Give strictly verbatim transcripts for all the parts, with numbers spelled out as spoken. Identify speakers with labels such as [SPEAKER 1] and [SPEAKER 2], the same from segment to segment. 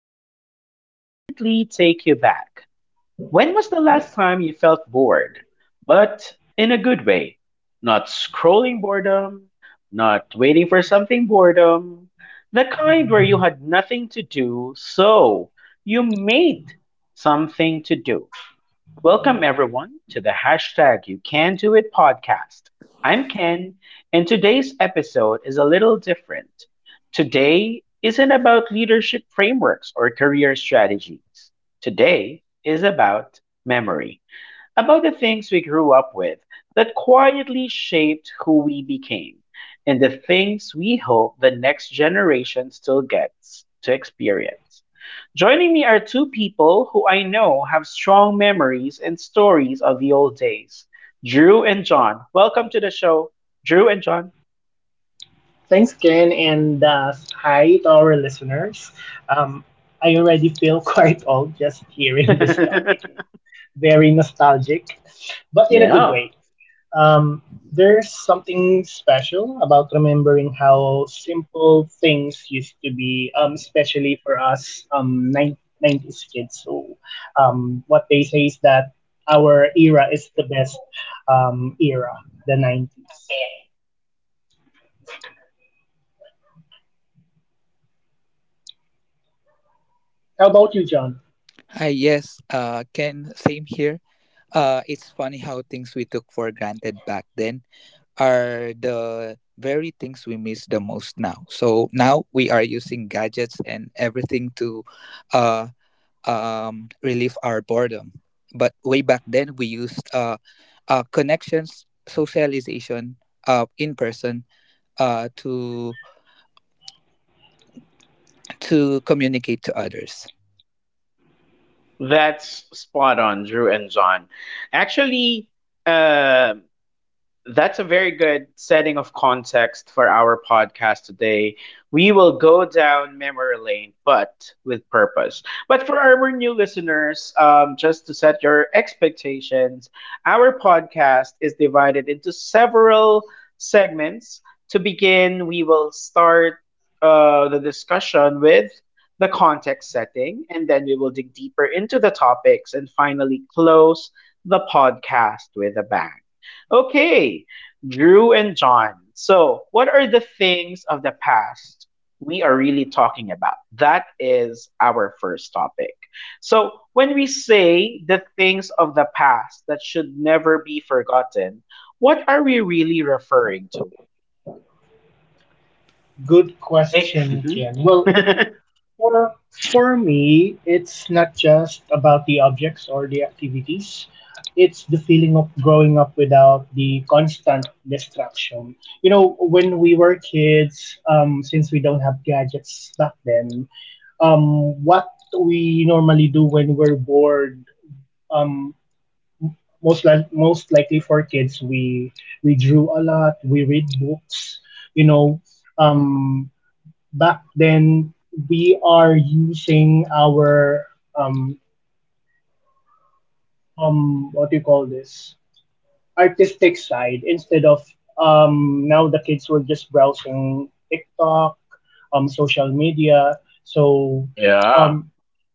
[SPEAKER 1] that might immediately take you back. When was the last time you felt bored, but in a good way? Not scrolling boredom, not waiting for something boredom, the kind where you had nothing to do, so you made something to do. Welcome everyone to the hashtag You Can Do It podcast. I'm Ken, and today's episode is a little different. Today isn't about leadership frameworks or career strategies. Today is about memory about the things we grew up with that quietly shaped who we became, and the things we hope the next generation still gets to experience. Joining me are two people who I know have strong memories and stories of the old days Drew and John. Welcome to the show, Drew and John.
[SPEAKER 2] Thanks again, and uh, hi to our listeners. Um, I already feel quite old just hearing this topic, you know, very nostalgic, but in a good
[SPEAKER 1] Yeah,
[SPEAKER 2] way. Um, there's something special about remembering how simple things used to be, um, especially for us um, nineties kids. So, um, what they say is that our era is the best um, era, the nineties. How about you, John?
[SPEAKER 3] Hi, yes, uh, Ken, same here. Uh, it's funny how things we took for granted back then are the very things we miss the most now. So now we are using gadgets and everything to uh, um, relieve our boredom. But way back then, we used uh, uh, connections, socialization uh, in person uh, to, to communicate to others.
[SPEAKER 1] that's spot on, Drew and John. Actually, um that's a very good setting of context for our podcast today. We will go down memory lane, but with purpose. But for our new listeners, um, just to set your expectations, our podcast is divided into several segments. To begin, we will start uh, the discussion with the context setting, and then we will dig deeper into the topics and finally close the podcast with a bang. Okay, Drew and John. So, what are the things of the past we are really talking about? That is our first topic. So, when we say the things of the past that should never be forgotten, what are we really referring to?
[SPEAKER 2] Good
[SPEAKER 1] Eh,
[SPEAKER 2] question,
[SPEAKER 1] mhm.
[SPEAKER 2] Ken. Well, for for me, it's not just about the objects or the activities. It's the feeling of growing up without the constant distraction. You know, when we were kids, um, since we don't have gadgets back then, um, what we normally do when we're bored, um, most li- most likely for kids, we we drew a lot, we read books. You know, um, back then we are using our um um what do you call this artistic side instead of um now the kids were just browsing TikTok, um social media. So
[SPEAKER 1] Yeah.
[SPEAKER 2] um it's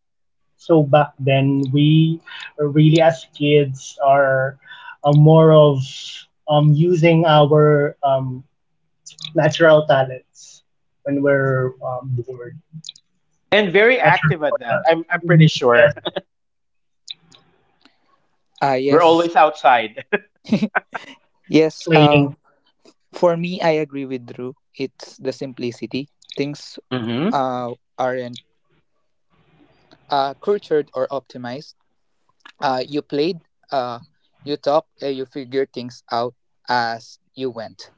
[SPEAKER 2] so back then we really as kids are uh, more of um using our um natural talents when we're um, bored.
[SPEAKER 1] And very
[SPEAKER 2] That's very
[SPEAKER 1] active at
[SPEAKER 2] important.
[SPEAKER 1] that. I'm, I'm pretty
[SPEAKER 2] Mhm.
[SPEAKER 1] sure.
[SPEAKER 2] Yes,
[SPEAKER 3] Ah,
[SPEAKER 1] We're
[SPEAKER 3] yes.
[SPEAKER 1] always outside.
[SPEAKER 3] Yes, uh,
[SPEAKER 2] playing.
[SPEAKER 3] for me, I agree with Drew. It's the simplicity. Things uh, aren't uh, cultured or optimized. Uh, you played, uh, you talked, uh, you figured things out as you went.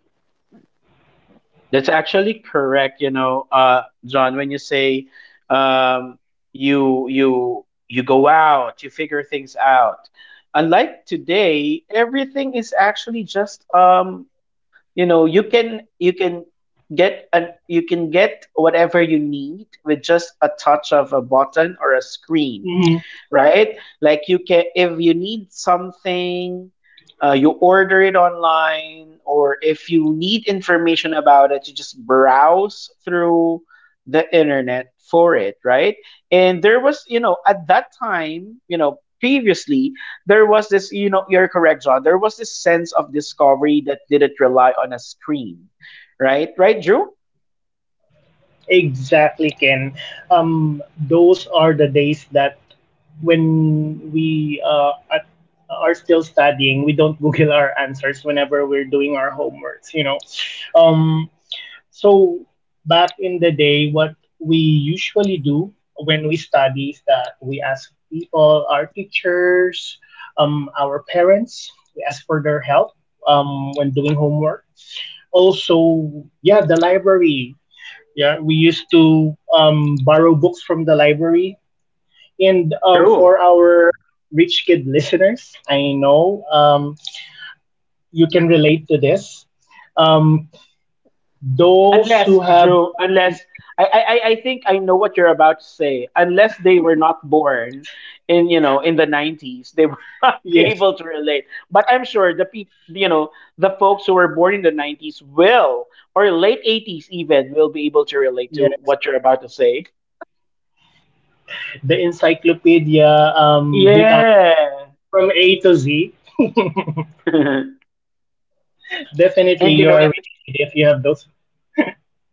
[SPEAKER 1] That's actually correct, you know, uh, John, when you say um, you you you go out, you figure things out. Unlike today, everything is actually just um, you know, you can you can get an you can get whatever you need with just a touch of a button or a screen,
[SPEAKER 2] Hmm.
[SPEAKER 1] right? Like you can, if you need something, uh, you order it online, or if you need information about it, you just browse through the internet for it, right? And there was, you know, at that time, you know, previously, there was this, you know, you're correct, John, there was this sense of discovery that didn't rely on a screen, right? Right, Drew?
[SPEAKER 2] Exactly, Ken. Um, those are the days that when we uh, at, are still studying, we don't Google our answers whenever we're doing our homeworks, you know. Um, So back in the day, what we usually do when we study is that we ask people, our teachers, um, our parents, we ask for their help um, when doing homework. Also, yeah, the library. Yeah, we used to um, borrow books from the library. And um, for
[SPEAKER 1] True.
[SPEAKER 2] our rich kid listeners, I know um, you can relate to this. Um, those who
[SPEAKER 1] Unless,
[SPEAKER 2] have
[SPEAKER 1] Joe, unless
[SPEAKER 2] encycl.
[SPEAKER 1] I, I, I I think I know what you're about to say. Unless they were not born in, you know, in the nineties, they will not be
[SPEAKER 2] Yes,
[SPEAKER 1] able to relate. But I'm sure the people you know, the folks who were born in the nineties will, or late eighties even, will be able to relate to what
[SPEAKER 2] yes.
[SPEAKER 1] you're about to say.
[SPEAKER 2] The Encyclopedia um, Britannica
[SPEAKER 1] Yeah.
[SPEAKER 2] from A to Z.
[SPEAKER 1] and
[SPEAKER 2] Definitely,
[SPEAKER 1] you know,
[SPEAKER 2] you're a
[SPEAKER 1] if
[SPEAKER 2] rich kid if you have those.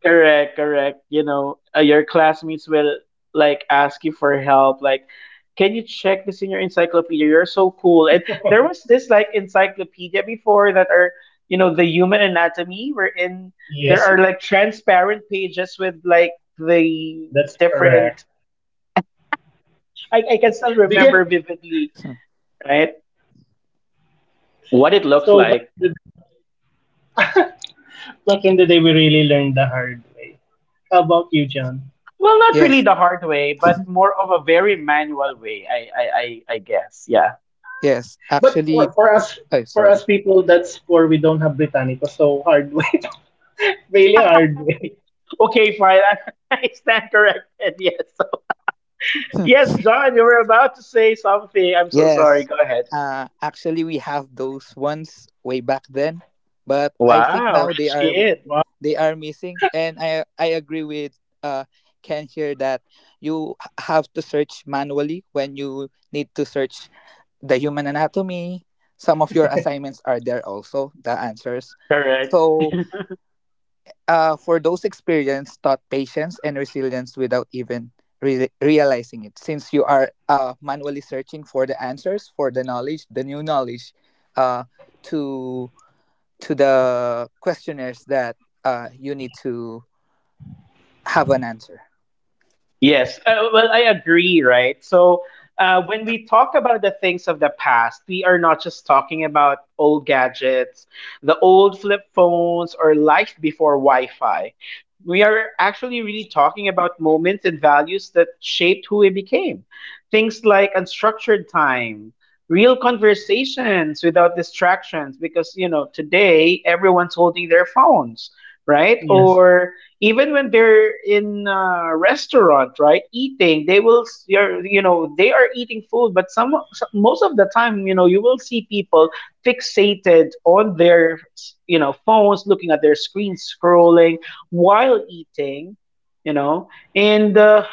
[SPEAKER 1] Correct, correct. You know, uh, your classmates will like ask you for help. Like, can you check this in your encyclopedia? You're so cool. And there was this like encyclopedia before that are, you know, the human anatomy, wherein there
[SPEAKER 2] Yes,
[SPEAKER 1] are like transparent pages with like the
[SPEAKER 2] that's correct.
[SPEAKER 1] different. I, I can still
[SPEAKER 2] Do you?
[SPEAKER 1] remember vividly,
[SPEAKER 3] Hmm.
[SPEAKER 1] right? What it looks
[SPEAKER 2] So back
[SPEAKER 1] like.
[SPEAKER 2] in the day, back in the day, we really learned the hard way. How about you, John?
[SPEAKER 1] Well, not really
[SPEAKER 3] Yes,
[SPEAKER 1] the hard way, but more of a very manual way, I, I, I, I guess. Yeah.
[SPEAKER 3] yes.
[SPEAKER 2] But for
[SPEAKER 3] Actually,
[SPEAKER 2] for us,
[SPEAKER 3] oh,
[SPEAKER 2] for us
[SPEAKER 3] sorry.
[SPEAKER 2] people that's poor, we don't have Britannica, so hard way, really hard way.
[SPEAKER 1] Okay, fine. I stand corrected. Yes.
[SPEAKER 3] Hmm.
[SPEAKER 1] Yes, John, you were about to say something. I'm so
[SPEAKER 3] Yes.
[SPEAKER 1] sorry. Go ahead.
[SPEAKER 3] Uh, actually, we have those ones way back then, but I think
[SPEAKER 1] Wow,
[SPEAKER 3] now they
[SPEAKER 1] rich
[SPEAKER 3] are
[SPEAKER 1] kid.
[SPEAKER 2] Wow.
[SPEAKER 3] they are missing and i i agree with uh Ken here that you h- have to search manually when you need to search the human anatomy. Some of your assignments are there, also the answers.
[SPEAKER 1] Correct.
[SPEAKER 3] So uh, for those experience taught patience and resilience without even re- realizing it, since you are uh, manually searching for the answers, for the knowledge, the new knowledge, uh, to to the questionnaires that uh, you need to have an answer.
[SPEAKER 1] Yes. Uh, well, I agree, right? So, uh, when we talk about the things of the past, we are not just talking about old gadgets, the old flip phones, or life before Wi Fi. We are actually really talking about moments and values that shaped who we became. Things like unstructured time, real conversations without distractions, because, you know, today everyone's holding their phones, right?
[SPEAKER 2] Yes.
[SPEAKER 1] Or even when they're in a restaurant, right, eating, they will, s- you're, you know, they are eating food, but some, some, most of the time, you know, you will see people fixated on their, you know, phones, looking at their screens, scrolling while eating, you know, and uh,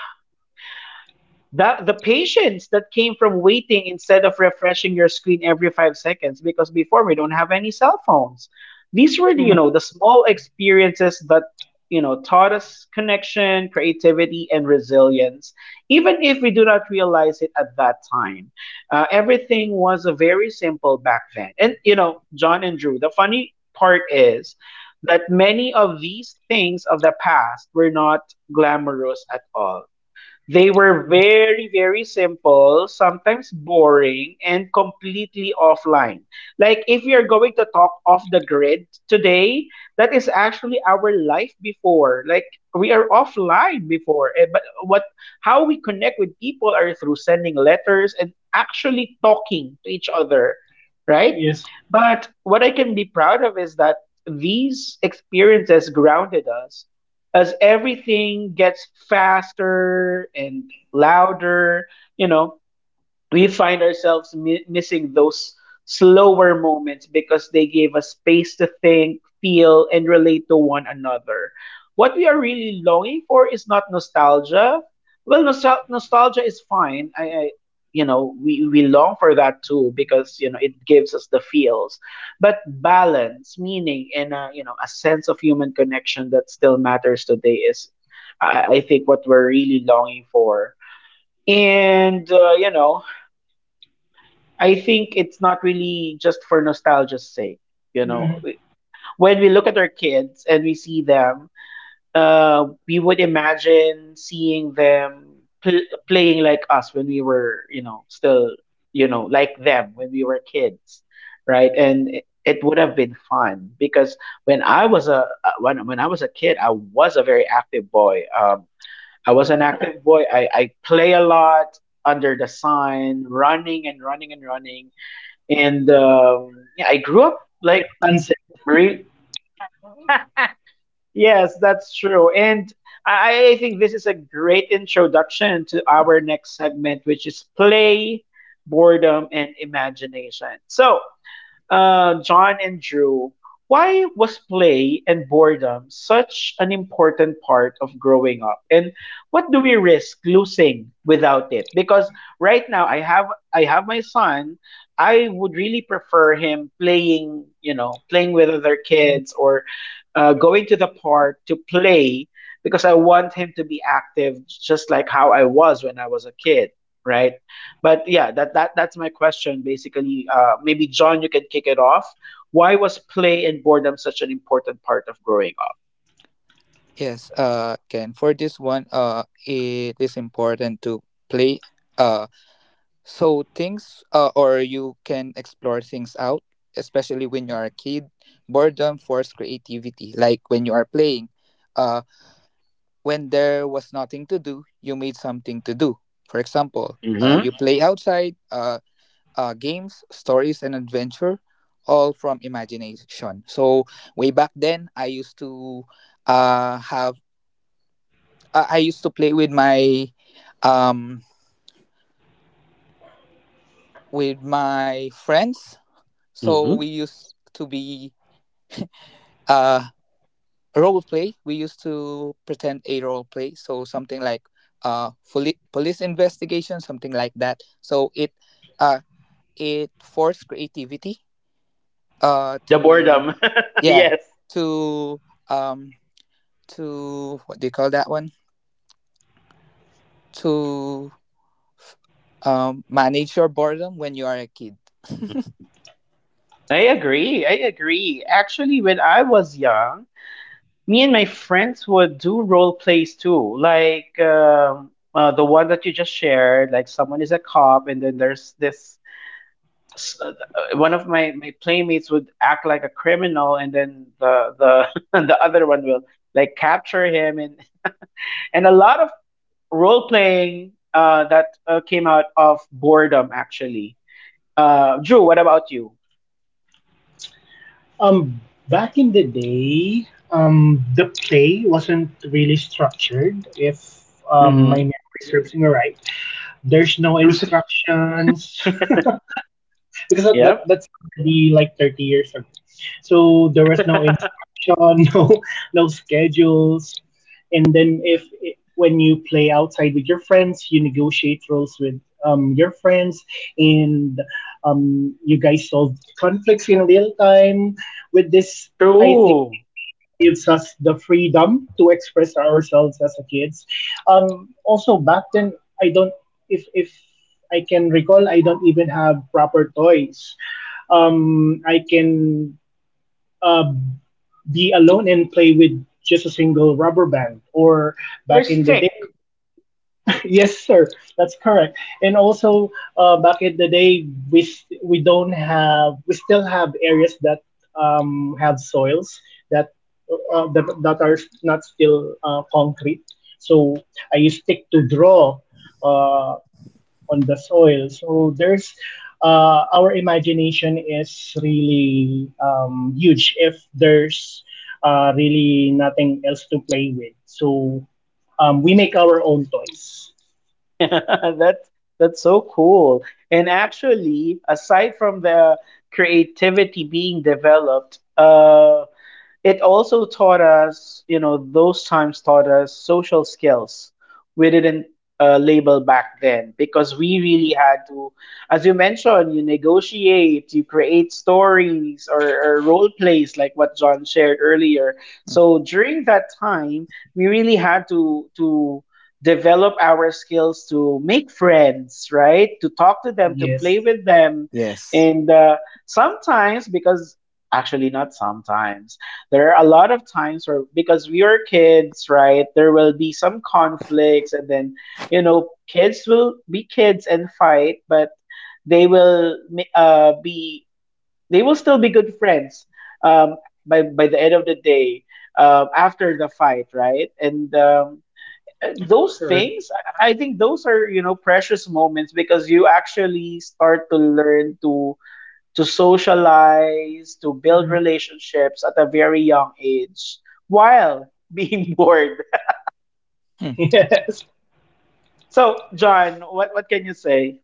[SPEAKER 1] that the patience that came from waiting instead of refreshing your screen every five seconds, because before we don't have any cell phones. These were, the, you know,
[SPEAKER 2] Mm-hmm.
[SPEAKER 1] the small experiences that you know taught us connection, creativity, and resilience, even if we do not realize it at that time. Uh, everything was a very simple back then, and you know, John and Drew. The funny part is that many of these things of the past were not glamorous at all. They were
[SPEAKER 2] Yes.
[SPEAKER 1] very, very simple, sometimes boring, and completely offline. Like, if you're going to talk off the grid today, that is actually our life before. Like, we are offline before. Eh, But what, how we connect with people are through sending letters and actually talking to each other, right?
[SPEAKER 2] Yes.
[SPEAKER 1] But what I can be proud of is that these experiences grounded us as everything gets faster and louder, you know, we find ourselves mi- missing those slower moments because they gave us space to think, feel, and relate to one another. What we are really longing for is not nostalgia. Well, nostal- nostalgia is fine. I, I you know, we, we long for that too because you know it gives us the feels, but balance, meaning, and uh, you know, a sense of human connection that still matters today is, I, I think, what we're really longing for. And uh, you know, I think it's not really just for nostalgia's sake. You know,
[SPEAKER 2] Mm-hmm.
[SPEAKER 1] when we look at our kids and we see them, uh, we would imagine seeing them pl- playing like us when we were, you know, still, you know, like them when we were kids, right? And it, it would have been fun because when I was a uh, when when I was a kid, I was a very active boy. Um, I was an active boy. I I play a lot under the sun, running and running and running and um, yeah, I grew up. like
[SPEAKER 2] Until sunset.
[SPEAKER 1] re- yes, that's true. And I, I think this is a great introduction to our next segment, which is play, boredom, and imagination. So uh, John and Drew, why was play and boredom such an important part of growing up? And what do we risk losing without it? Because right now I have I have my son. I would really prefer him playing, you know, playing with other kids
[SPEAKER 2] Mhm.
[SPEAKER 1] or uh, going to the park to play because I want him to be active just like how I was when I was a kid, right? But yeah, that, that that's my question basically. Uh, maybe John, you can kick it off. Why was play and boredom such an important part of growing up?
[SPEAKER 3] Yes, uh, Ken. For this one, uh, it is important to play. Uh, so things, uh, or you can explore things out, especially when you are a kid. Boredom forces creativity. Like when you are playing, uh, when there was nothing to do, you made something to do. For example, uh,
[SPEAKER 1] Hmm.
[SPEAKER 3] you play outside. Uh, uh, games, stories, and adventure, all from imagination. So way back then, I used to uh, have I I used to play with my um with my friends. So we
[SPEAKER 1] Hmm.
[SPEAKER 3] used to be uh role play. We used to pretend a role play. So something like uh poli- police investigation, something like that. So it uh it forced creativity uh
[SPEAKER 1] The
[SPEAKER 3] to
[SPEAKER 1] boredom,
[SPEAKER 3] yeah
[SPEAKER 1] yes.
[SPEAKER 3] to um to what do you call that one, to um manage your boredom when you are a kid.
[SPEAKER 1] I agree. I agree. Actually, when I was young, me and my friends would do role plays too. Like um, uh, the one that you just shared, like someone is a cop, and then there's this s- uh, one of my, my playmates would act like a criminal and then the the the other one will like capture him and and a lot of role playing uh that uh, came out of boredom actually. Uh Drew, what about you?
[SPEAKER 2] Um, Back in the day, um, the play wasn't really structured. If um,
[SPEAKER 1] Mm-hmm.
[SPEAKER 2] my memory serves me right, there's no
[SPEAKER 1] Choosing.
[SPEAKER 2] instructions because that, that
[SPEAKER 1] Yep.
[SPEAKER 2] that's already like thirty years, so there was no instruction, no no schedules. And then if it, when you play outside with your friends you negotiate roles with um, your friends, and um, you guys solve conflicts in real time. With this, I think
[SPEAKER 1] True.
[SPEAKER 2] it really gives us the freedom to express ourselves as a kids. Um, also back then, I don't, if if I can recall, I don't even have proper toys. um, I can um, be alone and play with just a single rubber band or
[SPEAKER 1] Or
[SPEAKER 2] back in the
[SPEAKER 1] stick.
[SPEAKER 2] day. Yes sir, that's correct. And also, uh, back in the day, we s- we don't have, we still have areas that um, have soils that uh, uh, that, that are not still uh, concrete, so I used stick to draw uh, on the soil. So there's, uh, our imagination is really um, huge if there's uh, really nothing else to play with. So um, we make our own toys.
[SPEAKER 1] that's that's so cool. And actually, aside from the creativity being developed, uh it also taught us, you know, those times taught us social skills we didn't uh, label back then, because we really had
[SPEAKER 2] Mm-mm.
[SPEAKER 1] to, as you mentioned, you negotiate, you create stories or, or role plays like what John shared earlier.
[SPEAKER 3] Mm.
[SPEAKER 1] So during that time, we really had to to develop our skills to make friends, right? To talk to them, to play
[SPEAKER 2] Yes,
[SPEAKER 1] with them,
[SPEAKER 3] Yes.
[SPEAKER 1] and uh, sometimes, because actually not sometimes, there are a lot of times where because we were kids, right, there will be some conflicts, and then you know kids will be kids and fight, but they will ma- uh, be they will still be good friends um, by by the end of the day uh, after the fight, right, and um, uh, those
[SPEAKER 2] correct.
[SPEAKER 1] things i I think those are you know precious moments because you actually start to learn to to socialize, to build
[SPEAKER 2] Mhm.
[SPEAKER 1] relationships at a very young age while being bored.
[SPEAKER 2] Yes,
[SPEAKER 1] So, John, what, what can you say?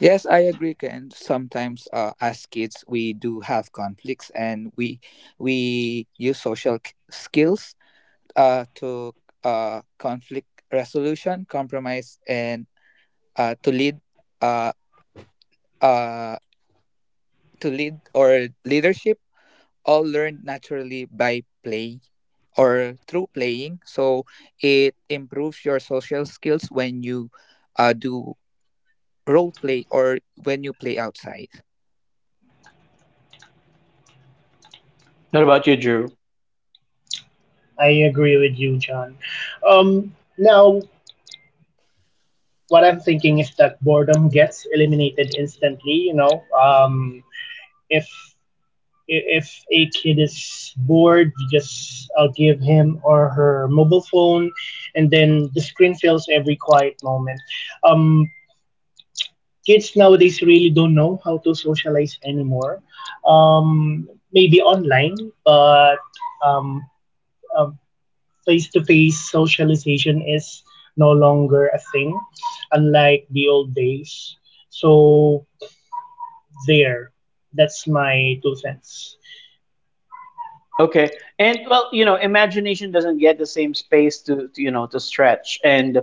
[SPEAKER 3] Yes, I agree. And sometimes, uh, as kids, we do have conflicts, and we we use social k- skills uh, to uh, conflict resolution, compromise, and uh, to lead uh, uh, to lead, or leadership. All learned naturally by play or through playing. So it improves your social skills when you uh, do role play or when you play outside.
[SPEAKER 1] What about you, Drew?
[SPEAKER 2] I agree with you, John. Um, now, what I'm thinking is that boredom gets eliminated instantly. You know, um, if if a kid is bored, you just uh, give him or her mobile phone, and then the screen fills every quiet moment. Um, Kids nowadays really don't know how to socialize anymore. Um, maybe online, but um, face to face socialization is no longer a thing, unlike the old days. So, there, that's my two cents.
[SPEAKER 1] Okay. And well, you know, imagination doesn't get the same space to, to you know, to stretch. And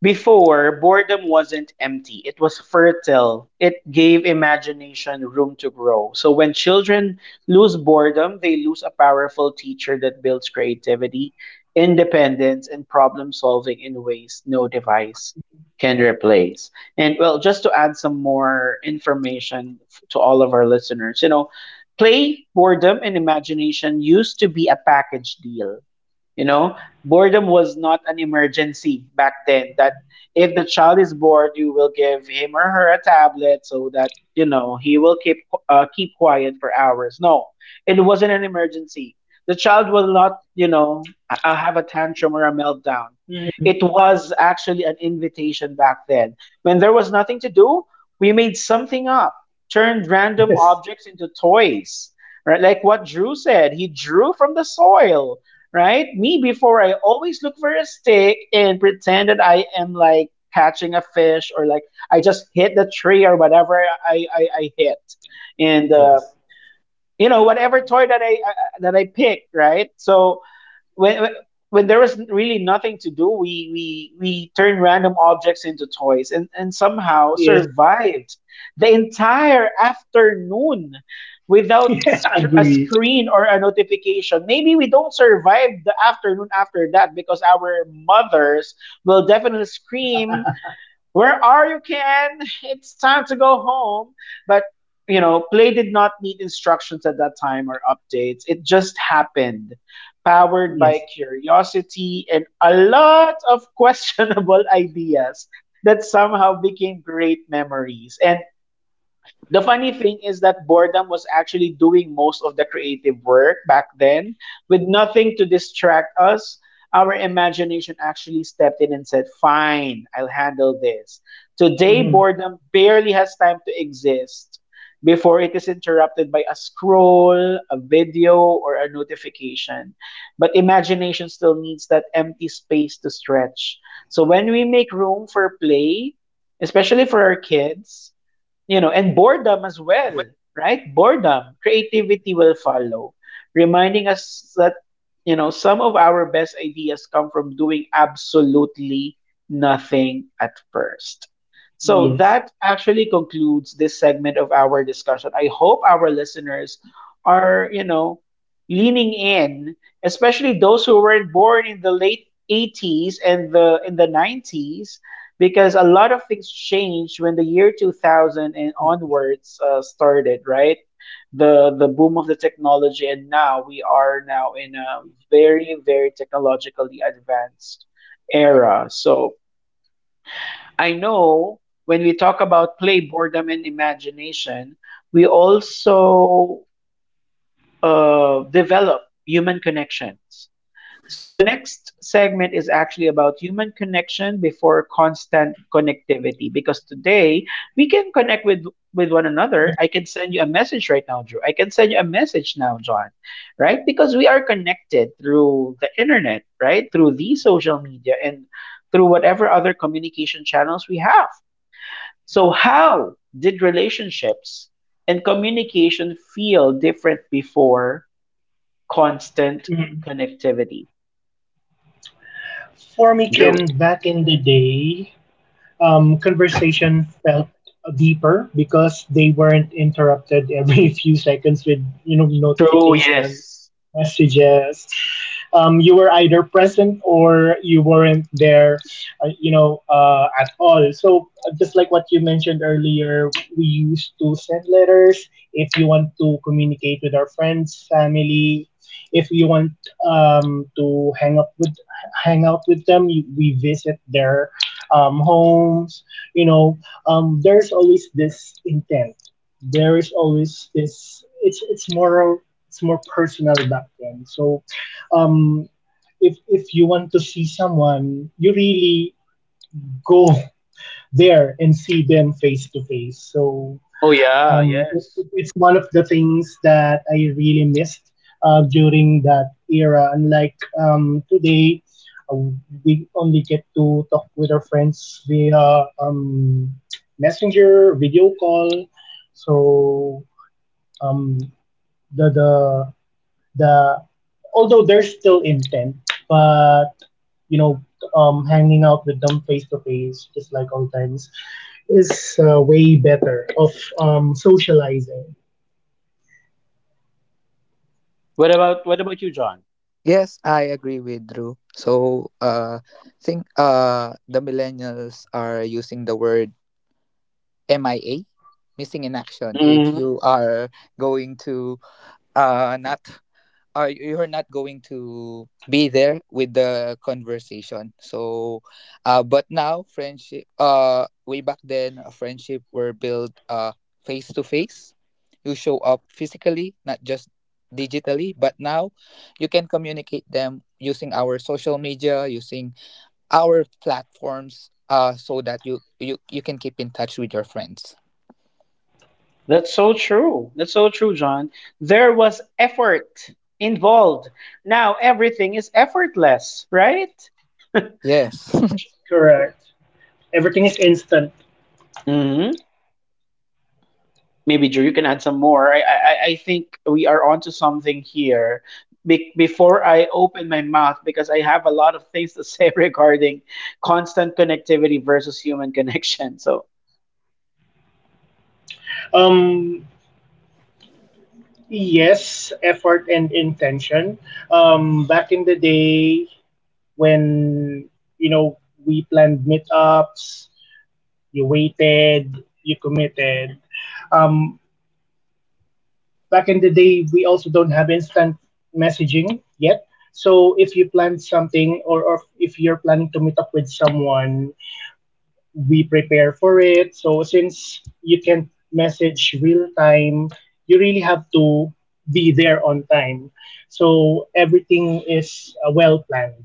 [SPEAKER 1] before, boredom wasn't empty, it was fertile. It gave imagination room to grow. So when children lose boredom, they lose a powerful teacher that builds creativity, independence, and problem solving in ways no device can replace. And well, just to add some more information f- to all of our listeners, you know, play, boredom, and imagination used to be a package deal. You know, boredom was not an emergency back then that if the child is bored you will give him or her a tablet so that you know he will keep uh, keep quiet for hours. No, it wasn't an emergency. The child will not you know uh, have a tantrum or a meltdown.
[SPEAKER 2] Mm-hmm.
[SPEAKER 1] It was actually an invitation back then. When there was nothing to do we made something up, turned random
[SPEAKER 2] Yes.
[SPEAKER 1] objects into toys, right? Like what Drew said, he drew from the soil, right? Me before, I always look for a stick and pretend that I am like catching a fish or like I just hit the tree or whatever I I, I hit, and uh, you know whatever toy that I, I that I picked, right? So when when- when there was really nothing to do, we we we turned random objects into toys and and somehow
[SPEAKER 2] Yes.
[SPEAKER 1] survived the entire afternoon without
[SPEAKER 2] Yeah,
[SPEAKER 1] sc- a
[SPEAKER 2] agree.
[SPEAKER 1] screen or a notification. Maybe we don't survive the afternoon after that because our mothers will definitely scream, where are you, Ken? It's time to go home. But, you know, play did not need instructions at that time or updates. It just happened, powered by
[SPEAKER 2] Yes.
[SPEAKER 1] curiosity and a lot of questionable ideas that somehow became great memories. And the funny thing is that boredom was actually doing most of the creative work back then. With nothing to distract us, our imagination actually stepped in and said, fine, I'll handle this. Today,
[SPEAKER 2] Hmm.
[SPEAKER 1] boredom barely has time to exist before it is interrupted by a scroll, a video, or a notification. But imagination still needs that empty space to stretch. So when we make room for play, especially for our kids, you know, and boredom as well, right? Boredom, creativity will follow, reminding us that, you know, some of our best ideas come from doing absolutely nothing at first. So
[SPEAKER 2] Yes.
[SPEAKER 1] that actually concludes this segment of our discussion. I hope our listeners are, you know, leaning in, especially those who weren't born in the late eighties and the in the nineties, because a lot of things changed when the year two thousand and
[SPEAKER 2] Yes.
[SPEAKER 1] onwards uh, started, right? The the boom of the technology, and now we are now in a very very technologically advanced era. So I know when we talk about play, boredom, and imagination, we also uh, develop human connections. So the next segment is actually about human connection before constant connectivity, because today we can connect with with one another. I can
[SPEAKER 2] Hmm.
[SPEAKER 1] send you a message right now, Drew. I can send you a message now, John, right? Because we are connected through the internet, right? Through the social media and through whatever other communication channels we have. So how did relationships and communication feel different before constant
[SPEAKER 2] Hmm.
[SPEAKER 1] connectivity?
[SPEAKER 2] For me, Ken,
[SPEAKER 1] Drew.
[SPEAKER 2] back in the day, um, conversation felt deeper because they weren't interrupted every few seconds with you know
[SPEAKER 1] True,
[SPEAKER 2] notifications,
[SPEAKER 1] yes.
[SPEAKER 2] messages. Um, you were either present or you weren't there, uh, you know, uh, at all. So, uh, just like what you mentioned earlier, we used to send letters. If you want to communicate with our friends, family, if you want um, to hang up with hang out with them you, we visit their um, homes. You know, um, there's always this intent. There is always this. It's it's more, it's more personal back then. So, um, if if you want to see someone, you really go there and see them face to face. So
[SPEAKER 1] Oh yeah,
[SPEAKER 2] um, it,
[SPEAKER 1] yes.
[SPEAKER 2] it's one of the things that I really missed uh, during that era. Unlike um, today, uh, we only get to talk with our friends via um, messenger, video call. So um, the the the although there's still intent, but you know, um, hanging out with them face to face, just like old times, is uh, way better of um, socializing.
[SPEAKER 1] What about what about you, John?
[SPEAKER 3] Yes, I agree with Drew. So, uh, think uh, the millennials are using the word M I A, missing in action. If
[SPEAKER 1] Hmm.
[SPEAKER 3] you are going to uh, not are, you're not going to be there with the conversation. So uh but now friendship, uh way back then a friendship were built uh face to face. You show up physically, not just digitally, but now you can communicate them using our social media, using our platforms, uh so that you you you can keep in touch with your friends.
[SPEAKER 1] That's so true. That's so true, John. There was effort involved. Now everything is effortless, right?
[SPEAKER 3] Yes.
[SPEAKER 2] Yes, correct. Everything is instant.
[SPEAKER 1] Hmm. Maybe Drew, you can add some more. I, I, I I think we are onto something here. Be- before I open my mouth, because I have a lot of things to say regarding constant connectivity versus human connection. So
[SPEAKER 2] Um, yes, effort and intention. Um, back in the day when you know we planned meetups, you waited, you committed. Um, Back in the day, we also don't have instant messaging yet. So if you plan something, or, or if you're planning to meet up with someone, we prepare for it. So since you can message real time, you really have to be there on time. So everything is uh, well planned.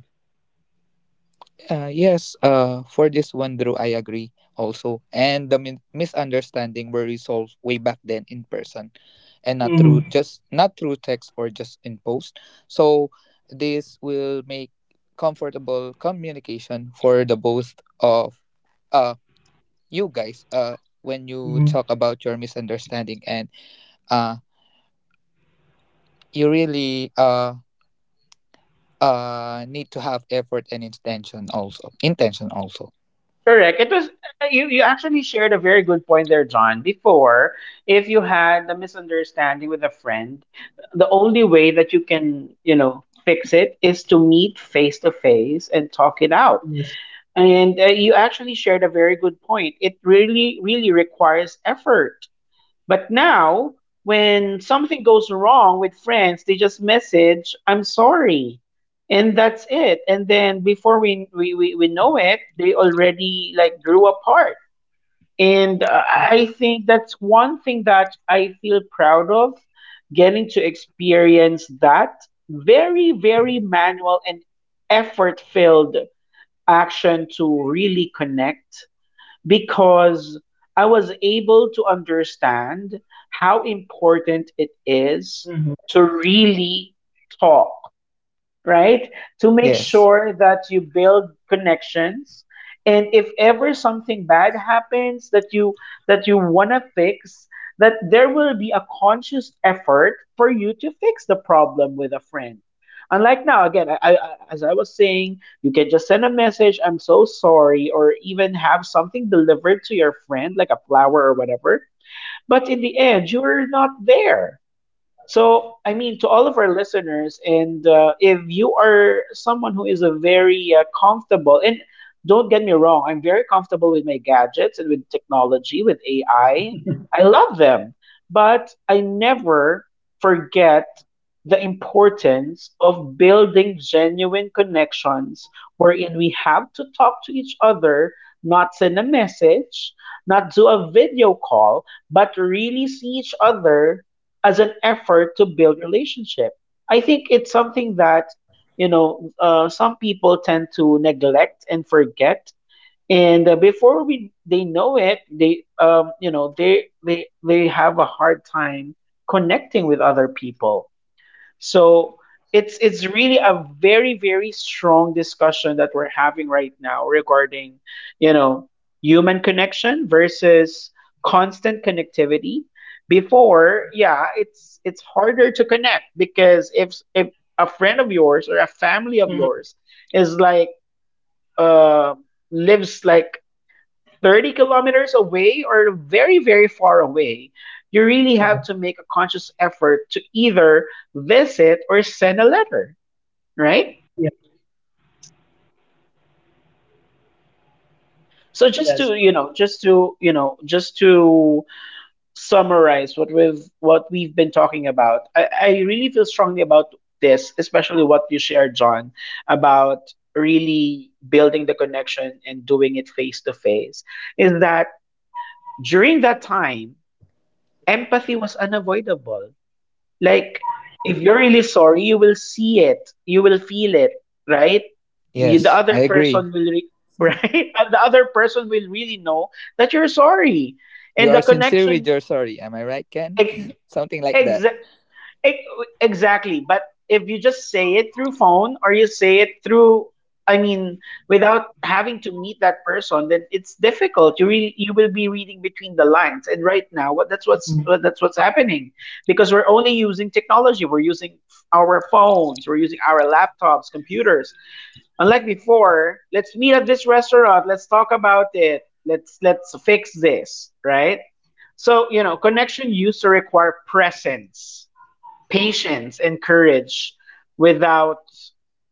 [SPEAKER 3] Uh, yes, uh, for this one, Drew, I agree also. And the min- misunderstanding were resolved way back then in person, and not
[SPEAKER 2] Mm-hmm.
[SPEAKER 3] through just, not through text or just in post. So this will make comfortable communication for the both of uh you guys, uh when you
[SPEAKER 2] Mm-hmm.
[SPEAKER 3] talk about your misunderstanding, and uh you really uh uh need to have effort and intention, also intention also.
[SPEAKER 1] correct. It was uh, you. You actually shared a very good point there, John. Before, if you had a misunderstanding with a friend, the only way that you can, you know, fix it is to meet face to face and talk it out.
[SPEAKER 2] Yes.
[SPEAKER 1] And uh, you actually shared a very good point. It really, really requires effort, but now, when something goes wrong with friends, they just message, I'm sorry. And that's it. And then before we, we, we, we know it, they already like grew apart. And uh,
[SPEAKER 2] Yeah.
[SPEAKER 1] I think that's one thing that I feel proud of, getting to experience that very, very manual and effort filled action to really connect, because I was able to understand how important it is
[SPEAKER 2] Mm-hmm.
[SPEAKER 1] to really talk, right? To make
[SPEAKER 3] Yes.
[SPEAKER 1] sure that you build connections. And if ever something bad happens that you that you want to fix, that there will be a conscious effort for you to fix the problem with a friend. Unlike now, again, I, I, as I was saying, you can just send a message, "I'm so sorry," or even have something delivered to your friend, like a flower or whatever. But in the end, you're not there, so, I mean, to all of our listeners, and uh, if you are someone who is a very uh, comfortable, and don't get me wrong, I'm very comfortable with my gadgets and with technology, with A I. I I love them, but I never forget the importance of building genuine connections wherein we have to talk to each other, not send a message, not do a video call, but really see each other as an effort to build relationship. I think it's something that you know uh, some people tend to neglect and forget, and uh, before we they know it, they um, you know they they they have a hard time connecting with other people. So it's it's really a very very strong discussion that we're having right now regarding, you know, human connection versus constant connectivity. Before, yeah, it's it's harder to connect because if if a friend of yours or a family of
[SPEAKER 2] Mm-hmm.
[SPEAKER 1] yours is like uh lives like 30 kilometers away or very, very far away, you really have
[SPEAKER 2] Correct.
[SPEAKER 1] to make a conscious effort to either visit or send a letter, right?
[SPEAKER 2] Yes.
[SPEAKER 1] So just to,
[SPEAKER 2] That's
[SPEAKER 1] you
[SPEAKER 2] right.
[SPEAKER 1] know, just to, you know, just to summarize what we've what we've been talking about, I, I really feel strongly about this, especially what you shared, John, about really building the connection and doing it face to face, is that during that time, empathy was unavoidable. Like, if you're really sorry, you will see it. You will feel it, right? You- The
[SPEAKER 3] Yes. I
[SPEAKER 1] other
[SPEAKER 3] agree.
[SPEAKER 1] person will, re- right? And the other person will really know that you're sorry.
[SPEAKER 3] You
[SPEAKER 1] And the
[SPEAKER 3] are sincere with
[SPEAKER 1] connection,
[SPEAKER 3] your sorry. Am I right, Ken? Something like that.
[SPEAKER 1] ex- Ex- exactly. But if you just say it through phone or you say it through, I mean, without having to meet that person, then it's difficult. You really, you will be reading between the lines. And right now, what that's what's
[SPEAKER 2] Mm-hmm.
[SPEAKER 1] what, that's what's happening because we're only using technology. We're using our phones. We're using our laptops, computers. Unlike before, let's meet at this restaurant. Let's talk about it. Let's let's fix this, right? So you know, connection used to require presence, patience and courage. Without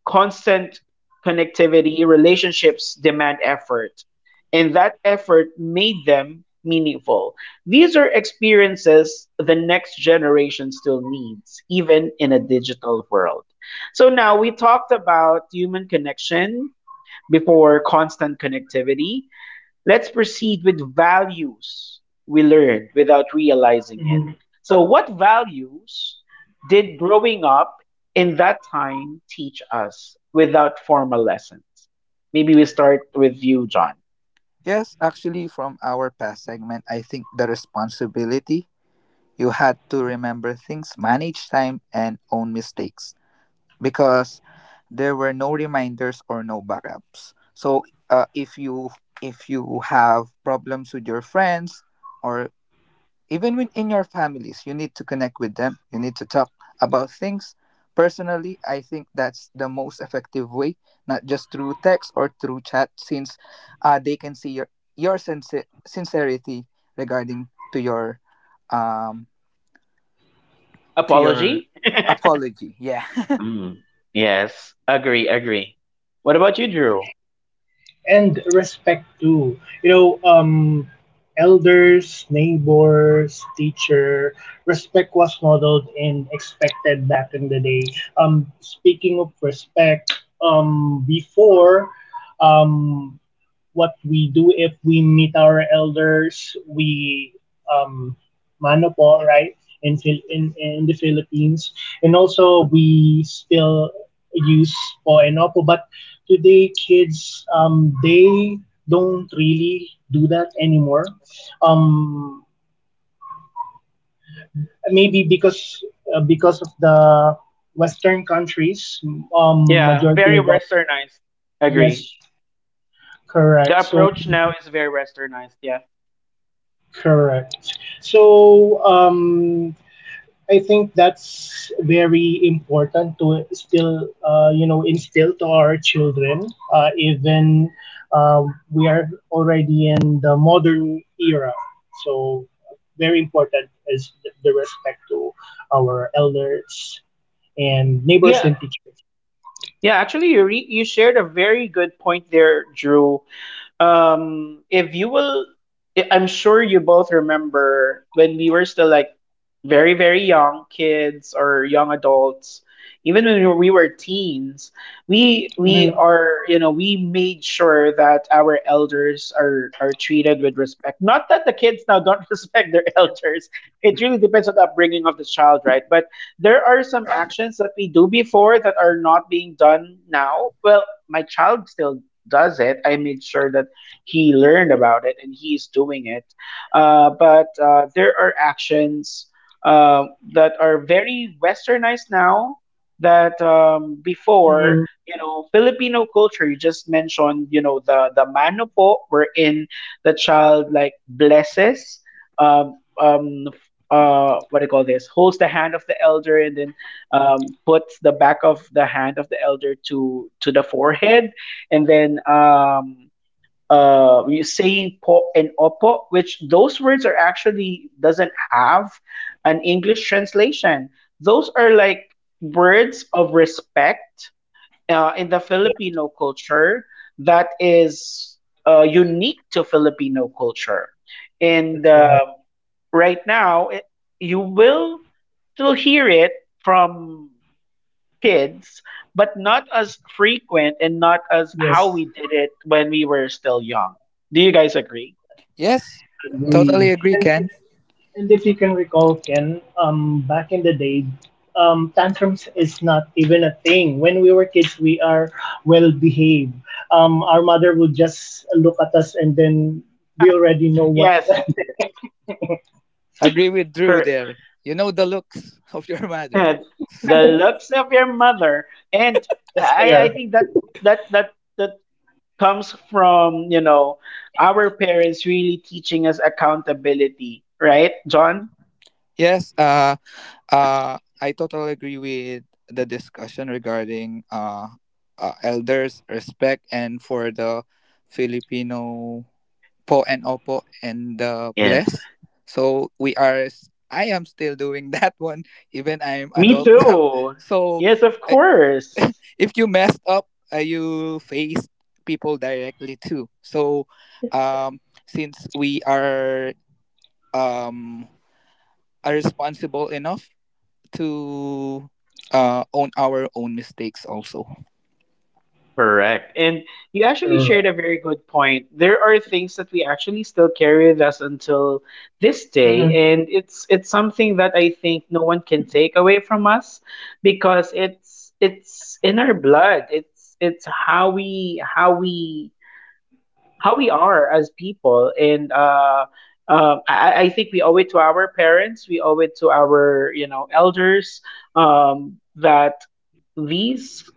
[SPEAKER 1] constant connectivity, relationships demand effort, and that effort made them meaningful. These are experiences the next generation still needs, even in a digital world. So now we talked about human connection before constant connectivity. Let's proceed with values we learned without realizing it.
[SPEAKER 2] Mm-hmm.
[SPEAKER 1] So, what values did growing up in that time teach us without formal lessons? Maybe we start with you, John.
[SPEAKER 3] Yes, actually, from our past segment, I think the responsibility, you had to remember things, manage time, and own mistakes, because there were no reminders or no backups. So, uh, if you if you have problems with your friends, or even within your families, you need to connect with them. You need to talk about things. Personally, I think that's the most effective way, not just through text or through chat, since uh, they can see your your sincer- sincerity regarding to your um to your
[SPEAKER 1] Apology?
[SPEAKER 3] apology. Yeah.
[SPEAKER 1] Mm, yes, agree, agree. What about you, Drew?
[SPEAKER 2] And respect too. You know, um, elders, neighbors, teacher, respect was modeled and expected back in the day. Um, speaking of respect, um, before, um, what we do if we meet our elders, we um, mano po, right? In, Phil- in in the Philippines, and also we still use po and opo. But today, kids, um, they don't really do that anymore. Um, Maybe because uh, because of the Western countries, um,
[SPEAKER 1] Yeah,
[SPEAKER 2] majority
[SPEAKER 1] very
[SPEAKER 2] of our.
[SPEAKER 1] westernized. Agree.
[SPEAKER 2] Yes,
[SPEAKER 1] The
[SPEAKER 2] correct. So
[SPEAKER 1] approach now is very
[SPEAKER 2] majority.
[SPEAKER 1] westernized, yeah.
[SPEAKER 2] Correct. So, um, I think that's very important to still, uh, you know, instill to our children, uh, even uh, we are already in the modern era. So, very important is the, the respect to our elders and neighbors
[SPEAKER 1] Yeah,
[SPEAKER 2] and teachers.
[SPEAKER 1] yeah, actually you re- you shared a very good point there, Drew. Um, if you will, I- I'm sure you both remember when we were still like very, very young kids or young adults, even when we were we were teens, we we
[SPEAKER 2] Mm-hmm.
[SPEAKER 1] are, you know, we made sure that our elders are are treated with respect. Not that the kids now don't respect their elders. It really depends on the upbringing of the child, right? But there are some actions that we do before that are not being done now. Well, my child still does it. I made sure that he learned about it and he's doing it. Uh, but uh, there are actions uh, that are very westernized now that um, before,
[SPEAKER 2] Mm-hmm.
[SPEAKER 1] you know, Filipino culture, you just mentioned, you know, the, the manopo, wherein the child like blesses, um, um, uh, what do you call this, holds the hand of the elder and then um, puts the back of the hand of the elder to to the forehead and then um, uh, you say po and opo, which those words are actually doesn't have an English translation. Those are like words of respect uh, in the
[SPEAKER 2] Yes,
[SPEAKER 1] Filipino culture that is uh, unique to Filipino culture. And
[SPEAKER 2] that's right.
[SPEAKER 1] um right now, it, you will still hear it from kids, but not as frequent and not as how
[SPEAKER 2] Yes.
[SPEAKER 1] we did it when we were still young. Do you guys agree?
[SPEAKER 3] Yes. Totally
[SPEAKER 2] Agree.
[SPEAKER 3] agree,
[SPEAKER 2] And
[SPEAKER 3] Ken.
[SPEAKER 2] if, and if you can recall, Ken, um, back in the day, um, tantrums is not even a thing. When we were kids, we are well behaved. Um, our mother would just look at us, and then we already know what
[SPEAKER 1] Yes,
[SPEAKER 2] that meant.
[SPEAKER 3] Agree with Drew
[SPEAKER 1] correct.
[SPEAKER 3] there. You know the looks of your mother.
[SPEAKER 1] The looks of your mother, and
[SPEAKER 2] The
[SPEAKER 1] I, I
[SPEAKER 2] stare.
[SPEAKER 1] think that that that that comes from you know our parents really teaching us accountability, right, John?
[SPEAKER 3] Yes. Uh Uh, I totally agree with the discussion regarding uh, uh elders respect, and for the Filipino po and opo and the
[SPEAKER 1] Yes.
[SPEAKER 3] bless. So we are. s- I am still doing that one even I'm
[SPEAKER 1] Me
[SPEAKER 3] adult now.
[SPEAKER 1] too.
[SPEAKER 3] So
[SPEAKER 1] Yes, of
[SPEAKER 3] uh,
[SPEAKER 1] course.
[SPEAKER 3] if you messed up, uh, you face people directly too. So um, since we are um are responsible enough to uh, own our own mistakes also.
[SPEAKER 1] Correct. And you actually shared
[SPEAKER 2] Correct.
[SPEAKER 1] a very good point. There are things that we actually still carry with us until this day.
[SPEAKER 2] Mm-hmm.
[SPEAKER 1] And it's it's something that I think no one can take away from us because it's it's in our blood. It's it's how we how we how we are as people. And uh uh, I, I think we owe it to our parents, we owe it to our, you know, elders, um, that these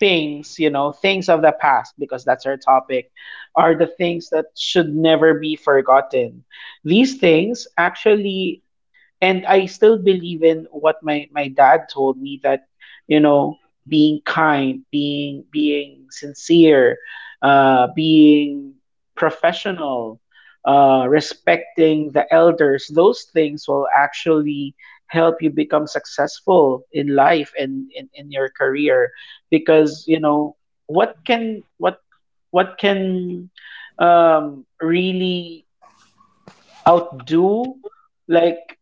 [SPEAKER 1] things, you know, things of the past, because that's our topic, are the things that should never be forgotten. These things actually and I still believe in what my my dad told me that you know being kind, being being sincere, uh, being professional, uh, respecting the elders, those things will actually help you become successful in life and in, in your career because you know what can what what can um, really outdo like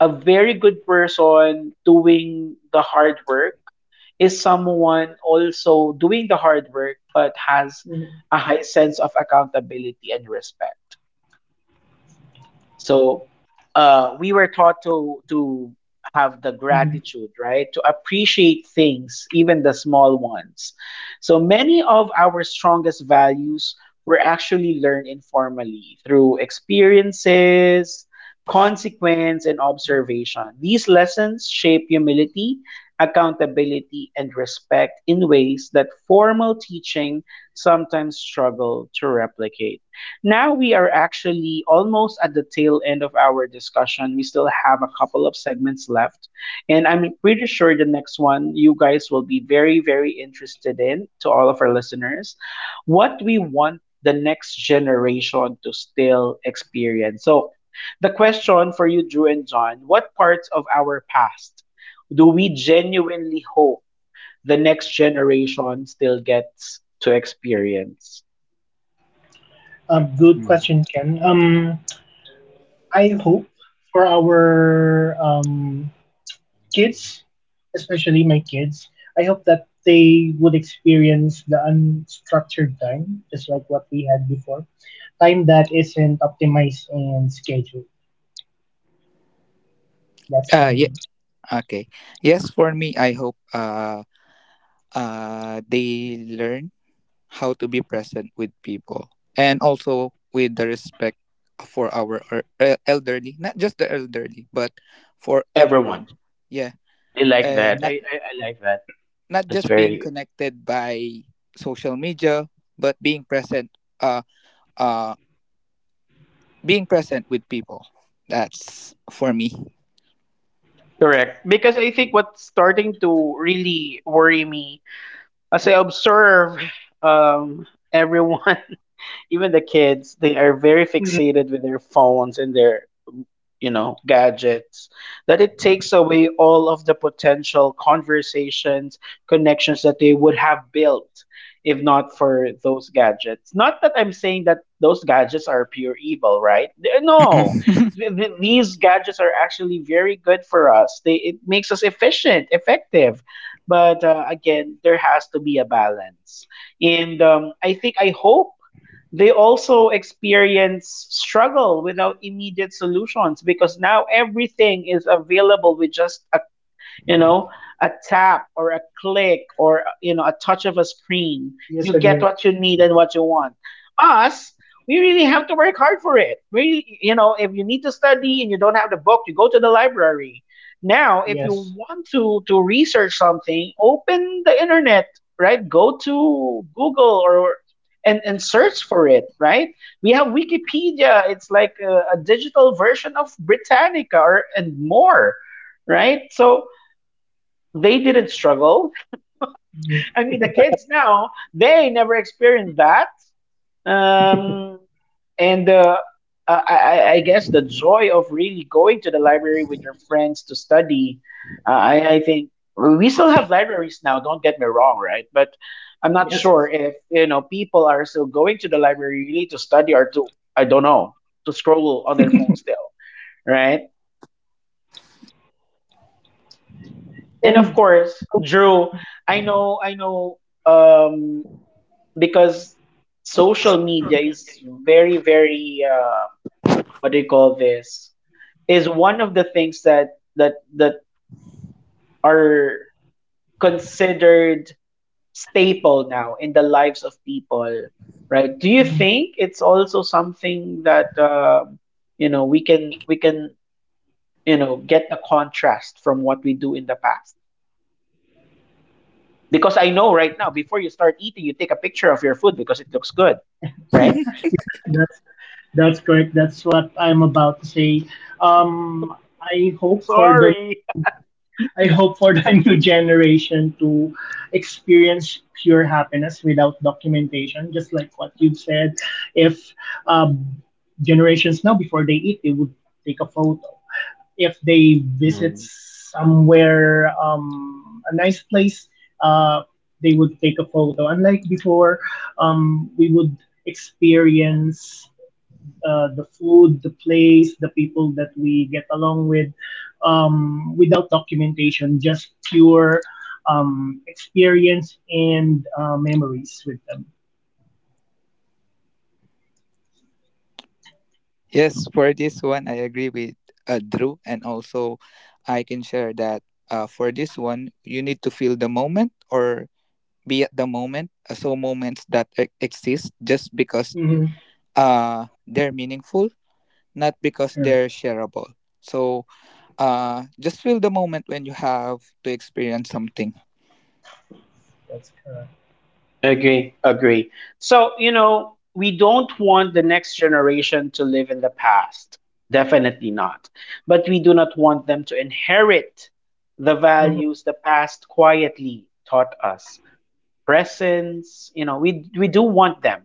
[SPEAKER 1] a very good person doing the hard work is someone also doing the hard work but has a high sense of accountability and respect. So uh, we were taught to to have the
[SPEAKER 2] Hmm.
[SPEAKER 1] gratitude, right? To appreciate things, even the small ones. So many of our strongest values were actually learned informally through experiences, consequence, and observation. These lessons shape humility, accountability, and respect in ways that formal teaching sometimes struggle to replicate. Now we are actually almost at the tail end of our discussion. We still have a couple of segments left. And I'm pretty sure the next one you guys will be very, very interested in, to all of our listeners. What we want the next generation to still experience. So, the question for you, Drew and John, what parts of our past do we genuinely hope the next generation still gets to experience?
[SPEAKER 2] Um, good
[SPEAKER 3] Mhm.
[SPEAKER 2] question, Ken. Um, I hope for our um, kids, especially my kids, I hope that they would experience the unstructured time, just like what we had before. Time that isn't optimized and scheduled. That's for
[SPEAKER 3] Uh, yeah,
[SPEAKER 2] me.
[SPEAKER 3] okay. Yes, for me, I hope uh, uh, they learn how to be present with people, and also with the respect for our er- el- elderly, not just the elderly, but for
[SPEAKER 1] Everyone.
[SPEAKER 3] everyone. Yeah, and not,
[SPEAKER 1] I, I like that.
[SPEAKER 3] not
[SPEAKER 1] That's
[SPEAKER 3] just being
[SPEAKER 1] very
[SPEAKER 3] connected by social media, but being present, uh, uh, being present with people. That's for me.
[SPEAKER 1] correct. Because I think what's starting to really worry me as I observe um everyone, even the kids, they are very
[SPEAKER 2] Mhm.
[SPEAKER 1] fixated with their phones and their you know gadgets, that it takes away all of the potential conversations, connections that they would have built if not for those gadgets. Not that I'm saying that those gadgets are pure evil, right? Th- no.
[SPEAKER 3] Mm-mm.
[SPEAKER 2] Yes.
[SPEAKER 1] Th- th- these gadgets are actually very good for us. They, it makes us efficient, effective, but uh, again, there has to be a balance. And um, I think I hope they also experience struggle without immediate solutions, because now everything is available with just a you know, a tap or a click, or, you know, a touch of a screen.
[SPEAKER 2] Yes,
[SPEAKER 1] You get
[SPEAKER 2] agree.
[SPEAKER 1] what you need and what you want. Us, we really have to work hard for it. We, you know, if you need to study and you don't have the book, you go to the library. Now, if you
[SPEAKER 2] Yes.
[SPEAKER 1] want to to research something, open the internet, right? Go to Google, or and and search for it, right? We have Wikipedia. It's like a, a digital version of Britannica, or and more, right? So they didn't struggle.
[SPEAKER 2] Yes.
[SPEAKER 1] I mean, the kids now, they never experienced that. Um, and uh, I, I, I guess the joy of really going to the library with your friends to study, uh, I, I think we still have libraries now, don't get me wrong, right? But I'm not
[SPEAKER 2] Yes.
[SPEAKER 1] sure if, you know, people are still going to the library really to study or to, I don't know, to scroll on their phone still, right? And of
[SPEAKER 2] And, you
[SPEAKER 1] course,
[SPEAKER 2] know,
[SPEAKER 1] Drew,
[SPEAKER 2] mhm.
[SPEAKER 1] I know, I know. Um, because social media is very very uh, what do you call this, is one of the things that that that are considered staple now in the lives of people, right? Do you
[SPEAKER 2] Mhm.
[SPEAKER 1] think it's also something that, um, you know we can we can you know get a contrast from what we do in the past, because I know right now before you start eating you take a picture of your food because it looks good, right?
[SPEAKER 2] Yes, that's that's correct. That's what I'm about to say. Um, I hope for the
[SPEAKER 1] Sorry.
[SPEAKER 2] new I hope for the new generation to experience pure happiness without documentation, just like what you've said. If um, generations now, before they eat, they would take a photo. If they visit somewhere, um, a nice place, uh, they would take a photo. Unlike before, um, we would experience uh, the food, the place, the people that we get along with, um, without documentation, just pure um, experience and uh, memories with them.
[SPEAKER 3] Yes, for this one, I agree with uh, Drew, and also I can share that uh, for this one, you need to feel the moment, or be at the moment. Uh, So moments that e- exist just because
[SPEAKER 2] Mm-hmm.
[SPEAKER 3] uh, they're meaningful, not because
[SPEAKER 2] Correct.
[SPEAKER 3] they're shareable. So Uh, just feel the moment when you have to experience something.
[SPEAKER 2] That's correct.
[SPEAKER 1] Agree, agree. So, you know, we don't want the next generation to live in the past. Definitely not. But we do not want them to inherit the values
[SPEAKER 2] Mm-hmm.
[SPEAKER 1] the past quietly taught us. Presence, you know we we do want them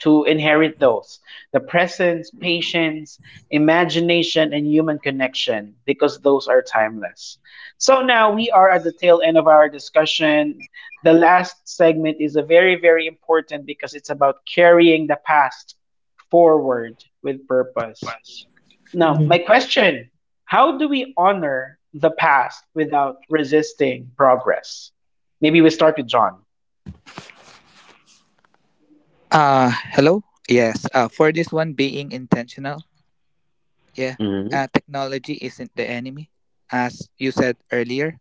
[SPEAKER 1] to inherit those, the presence, patience, imagination, and human connection, because those are timeless. So now we are at the tail end of our discussion. The last segment is a very, very important, because it's about carrying the past forward with purpose. Now,
[SPEAKER 2] Mm-hmm.
[SPEAKER 1] my question: how do we honor the past without resisting progress? Maybe we start with John.
[SPEAKER 3] Uh, hello? Yes, uh, for this one, being intentional. Yeah, uh, technology isn't the enemy. As you said earlier,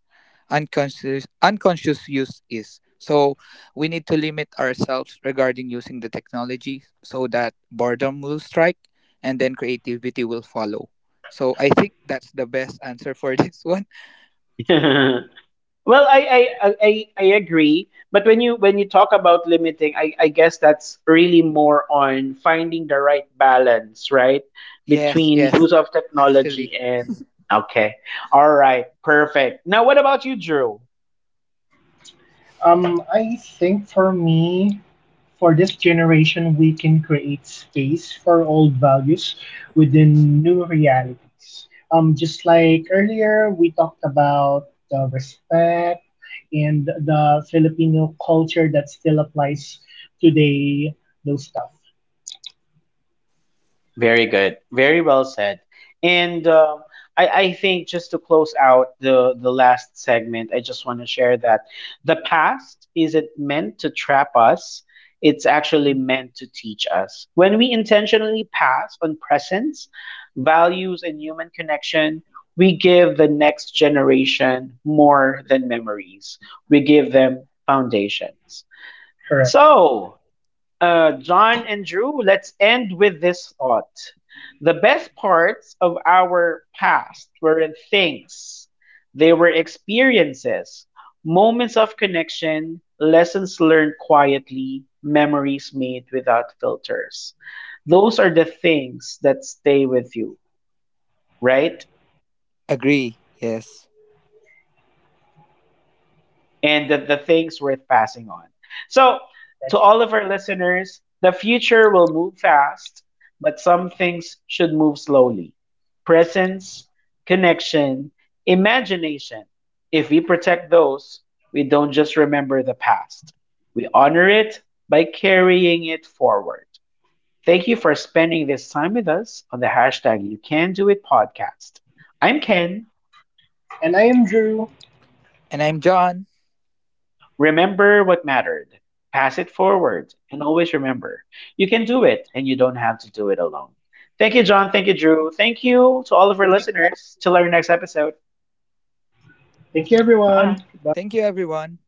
[SPEAKER 3] unconscious, unconscious use is. So we need to limit ourselves regarding using the technology, so that boredom will strike and then creativity will follow. So I think that's the best answer for this one.
[SPEAKER 1] Well, I, I I I- agree, but when you when you talk about limiting, I I guess that's really more on finding the right balance, right,
[SPEAKER 3] Yes,
[SPEAKER 1] between
[SPEAKER 3] yes,
[SPEAKER 1] use of
[SPEAKER 3] actually.
[SPEAKER 1] technology and okay, all right, perfect. Now, what about you, Drew?
[SPEAKER 2] Um, I think for me, for this generation, we can create space for old values within new realities. Um, just like earlier, we talked about the respect and the Filipino culture that still applies today, those stuff.
[SPEAKER 1] Very good. Very well said. And um, I, I think just to close out the, the last segment, I just want to share that the past isn't meant to trap us, it's actually meant to teach us. When we intentionally pass on presence, values, and human connection, we give the next generation more than memories, we give them foundations.
[SPEAKER 2] Correct.
[SPEAKER 1] So, uh, John and Drew, let's end with this thought. The best parts of our past weren't things, they were experiences, moments of connection, lessons learned quietly, memories made without filters. Those are the things that stay with you, right?
[SPEAKER 3] Agree. Yes.
[SPEAKER 1] And the, the things worth passing on. So, to
[SPEAKER 2] That's
[SPEAKER 1] all
[SPEAKER 2] right.
[SPEAKER 1] of our listeners, the future will move fast, but some things should move slowly. Presence, connection, imagination. If we protect those, we don't just remember the past, we honor it by carrying it forward. Thank you for spending this time with us on the hashtag You Can Do It podcast. I'm Ken.
[SPEAKER 2] And I am Drew.
[SPEAKER 3] And I'm John.
[SPEAKER 1] Remember what mattered, pass it forward, and always remember, you can do it, and you don't have to do it alone. Thank you, John. Thank you, Drew. Thank you to all of our
[SPEAKER 2] Thank you, Ken.
[SPEAKER 1] listeners. Till our next episode.
[SPEAKER 2] Thank you, everyone.
[SPEAKER 1] Bye.
[SPEAKER 2] Goodbye.
[SPEAKER 3] Thank you, everyone.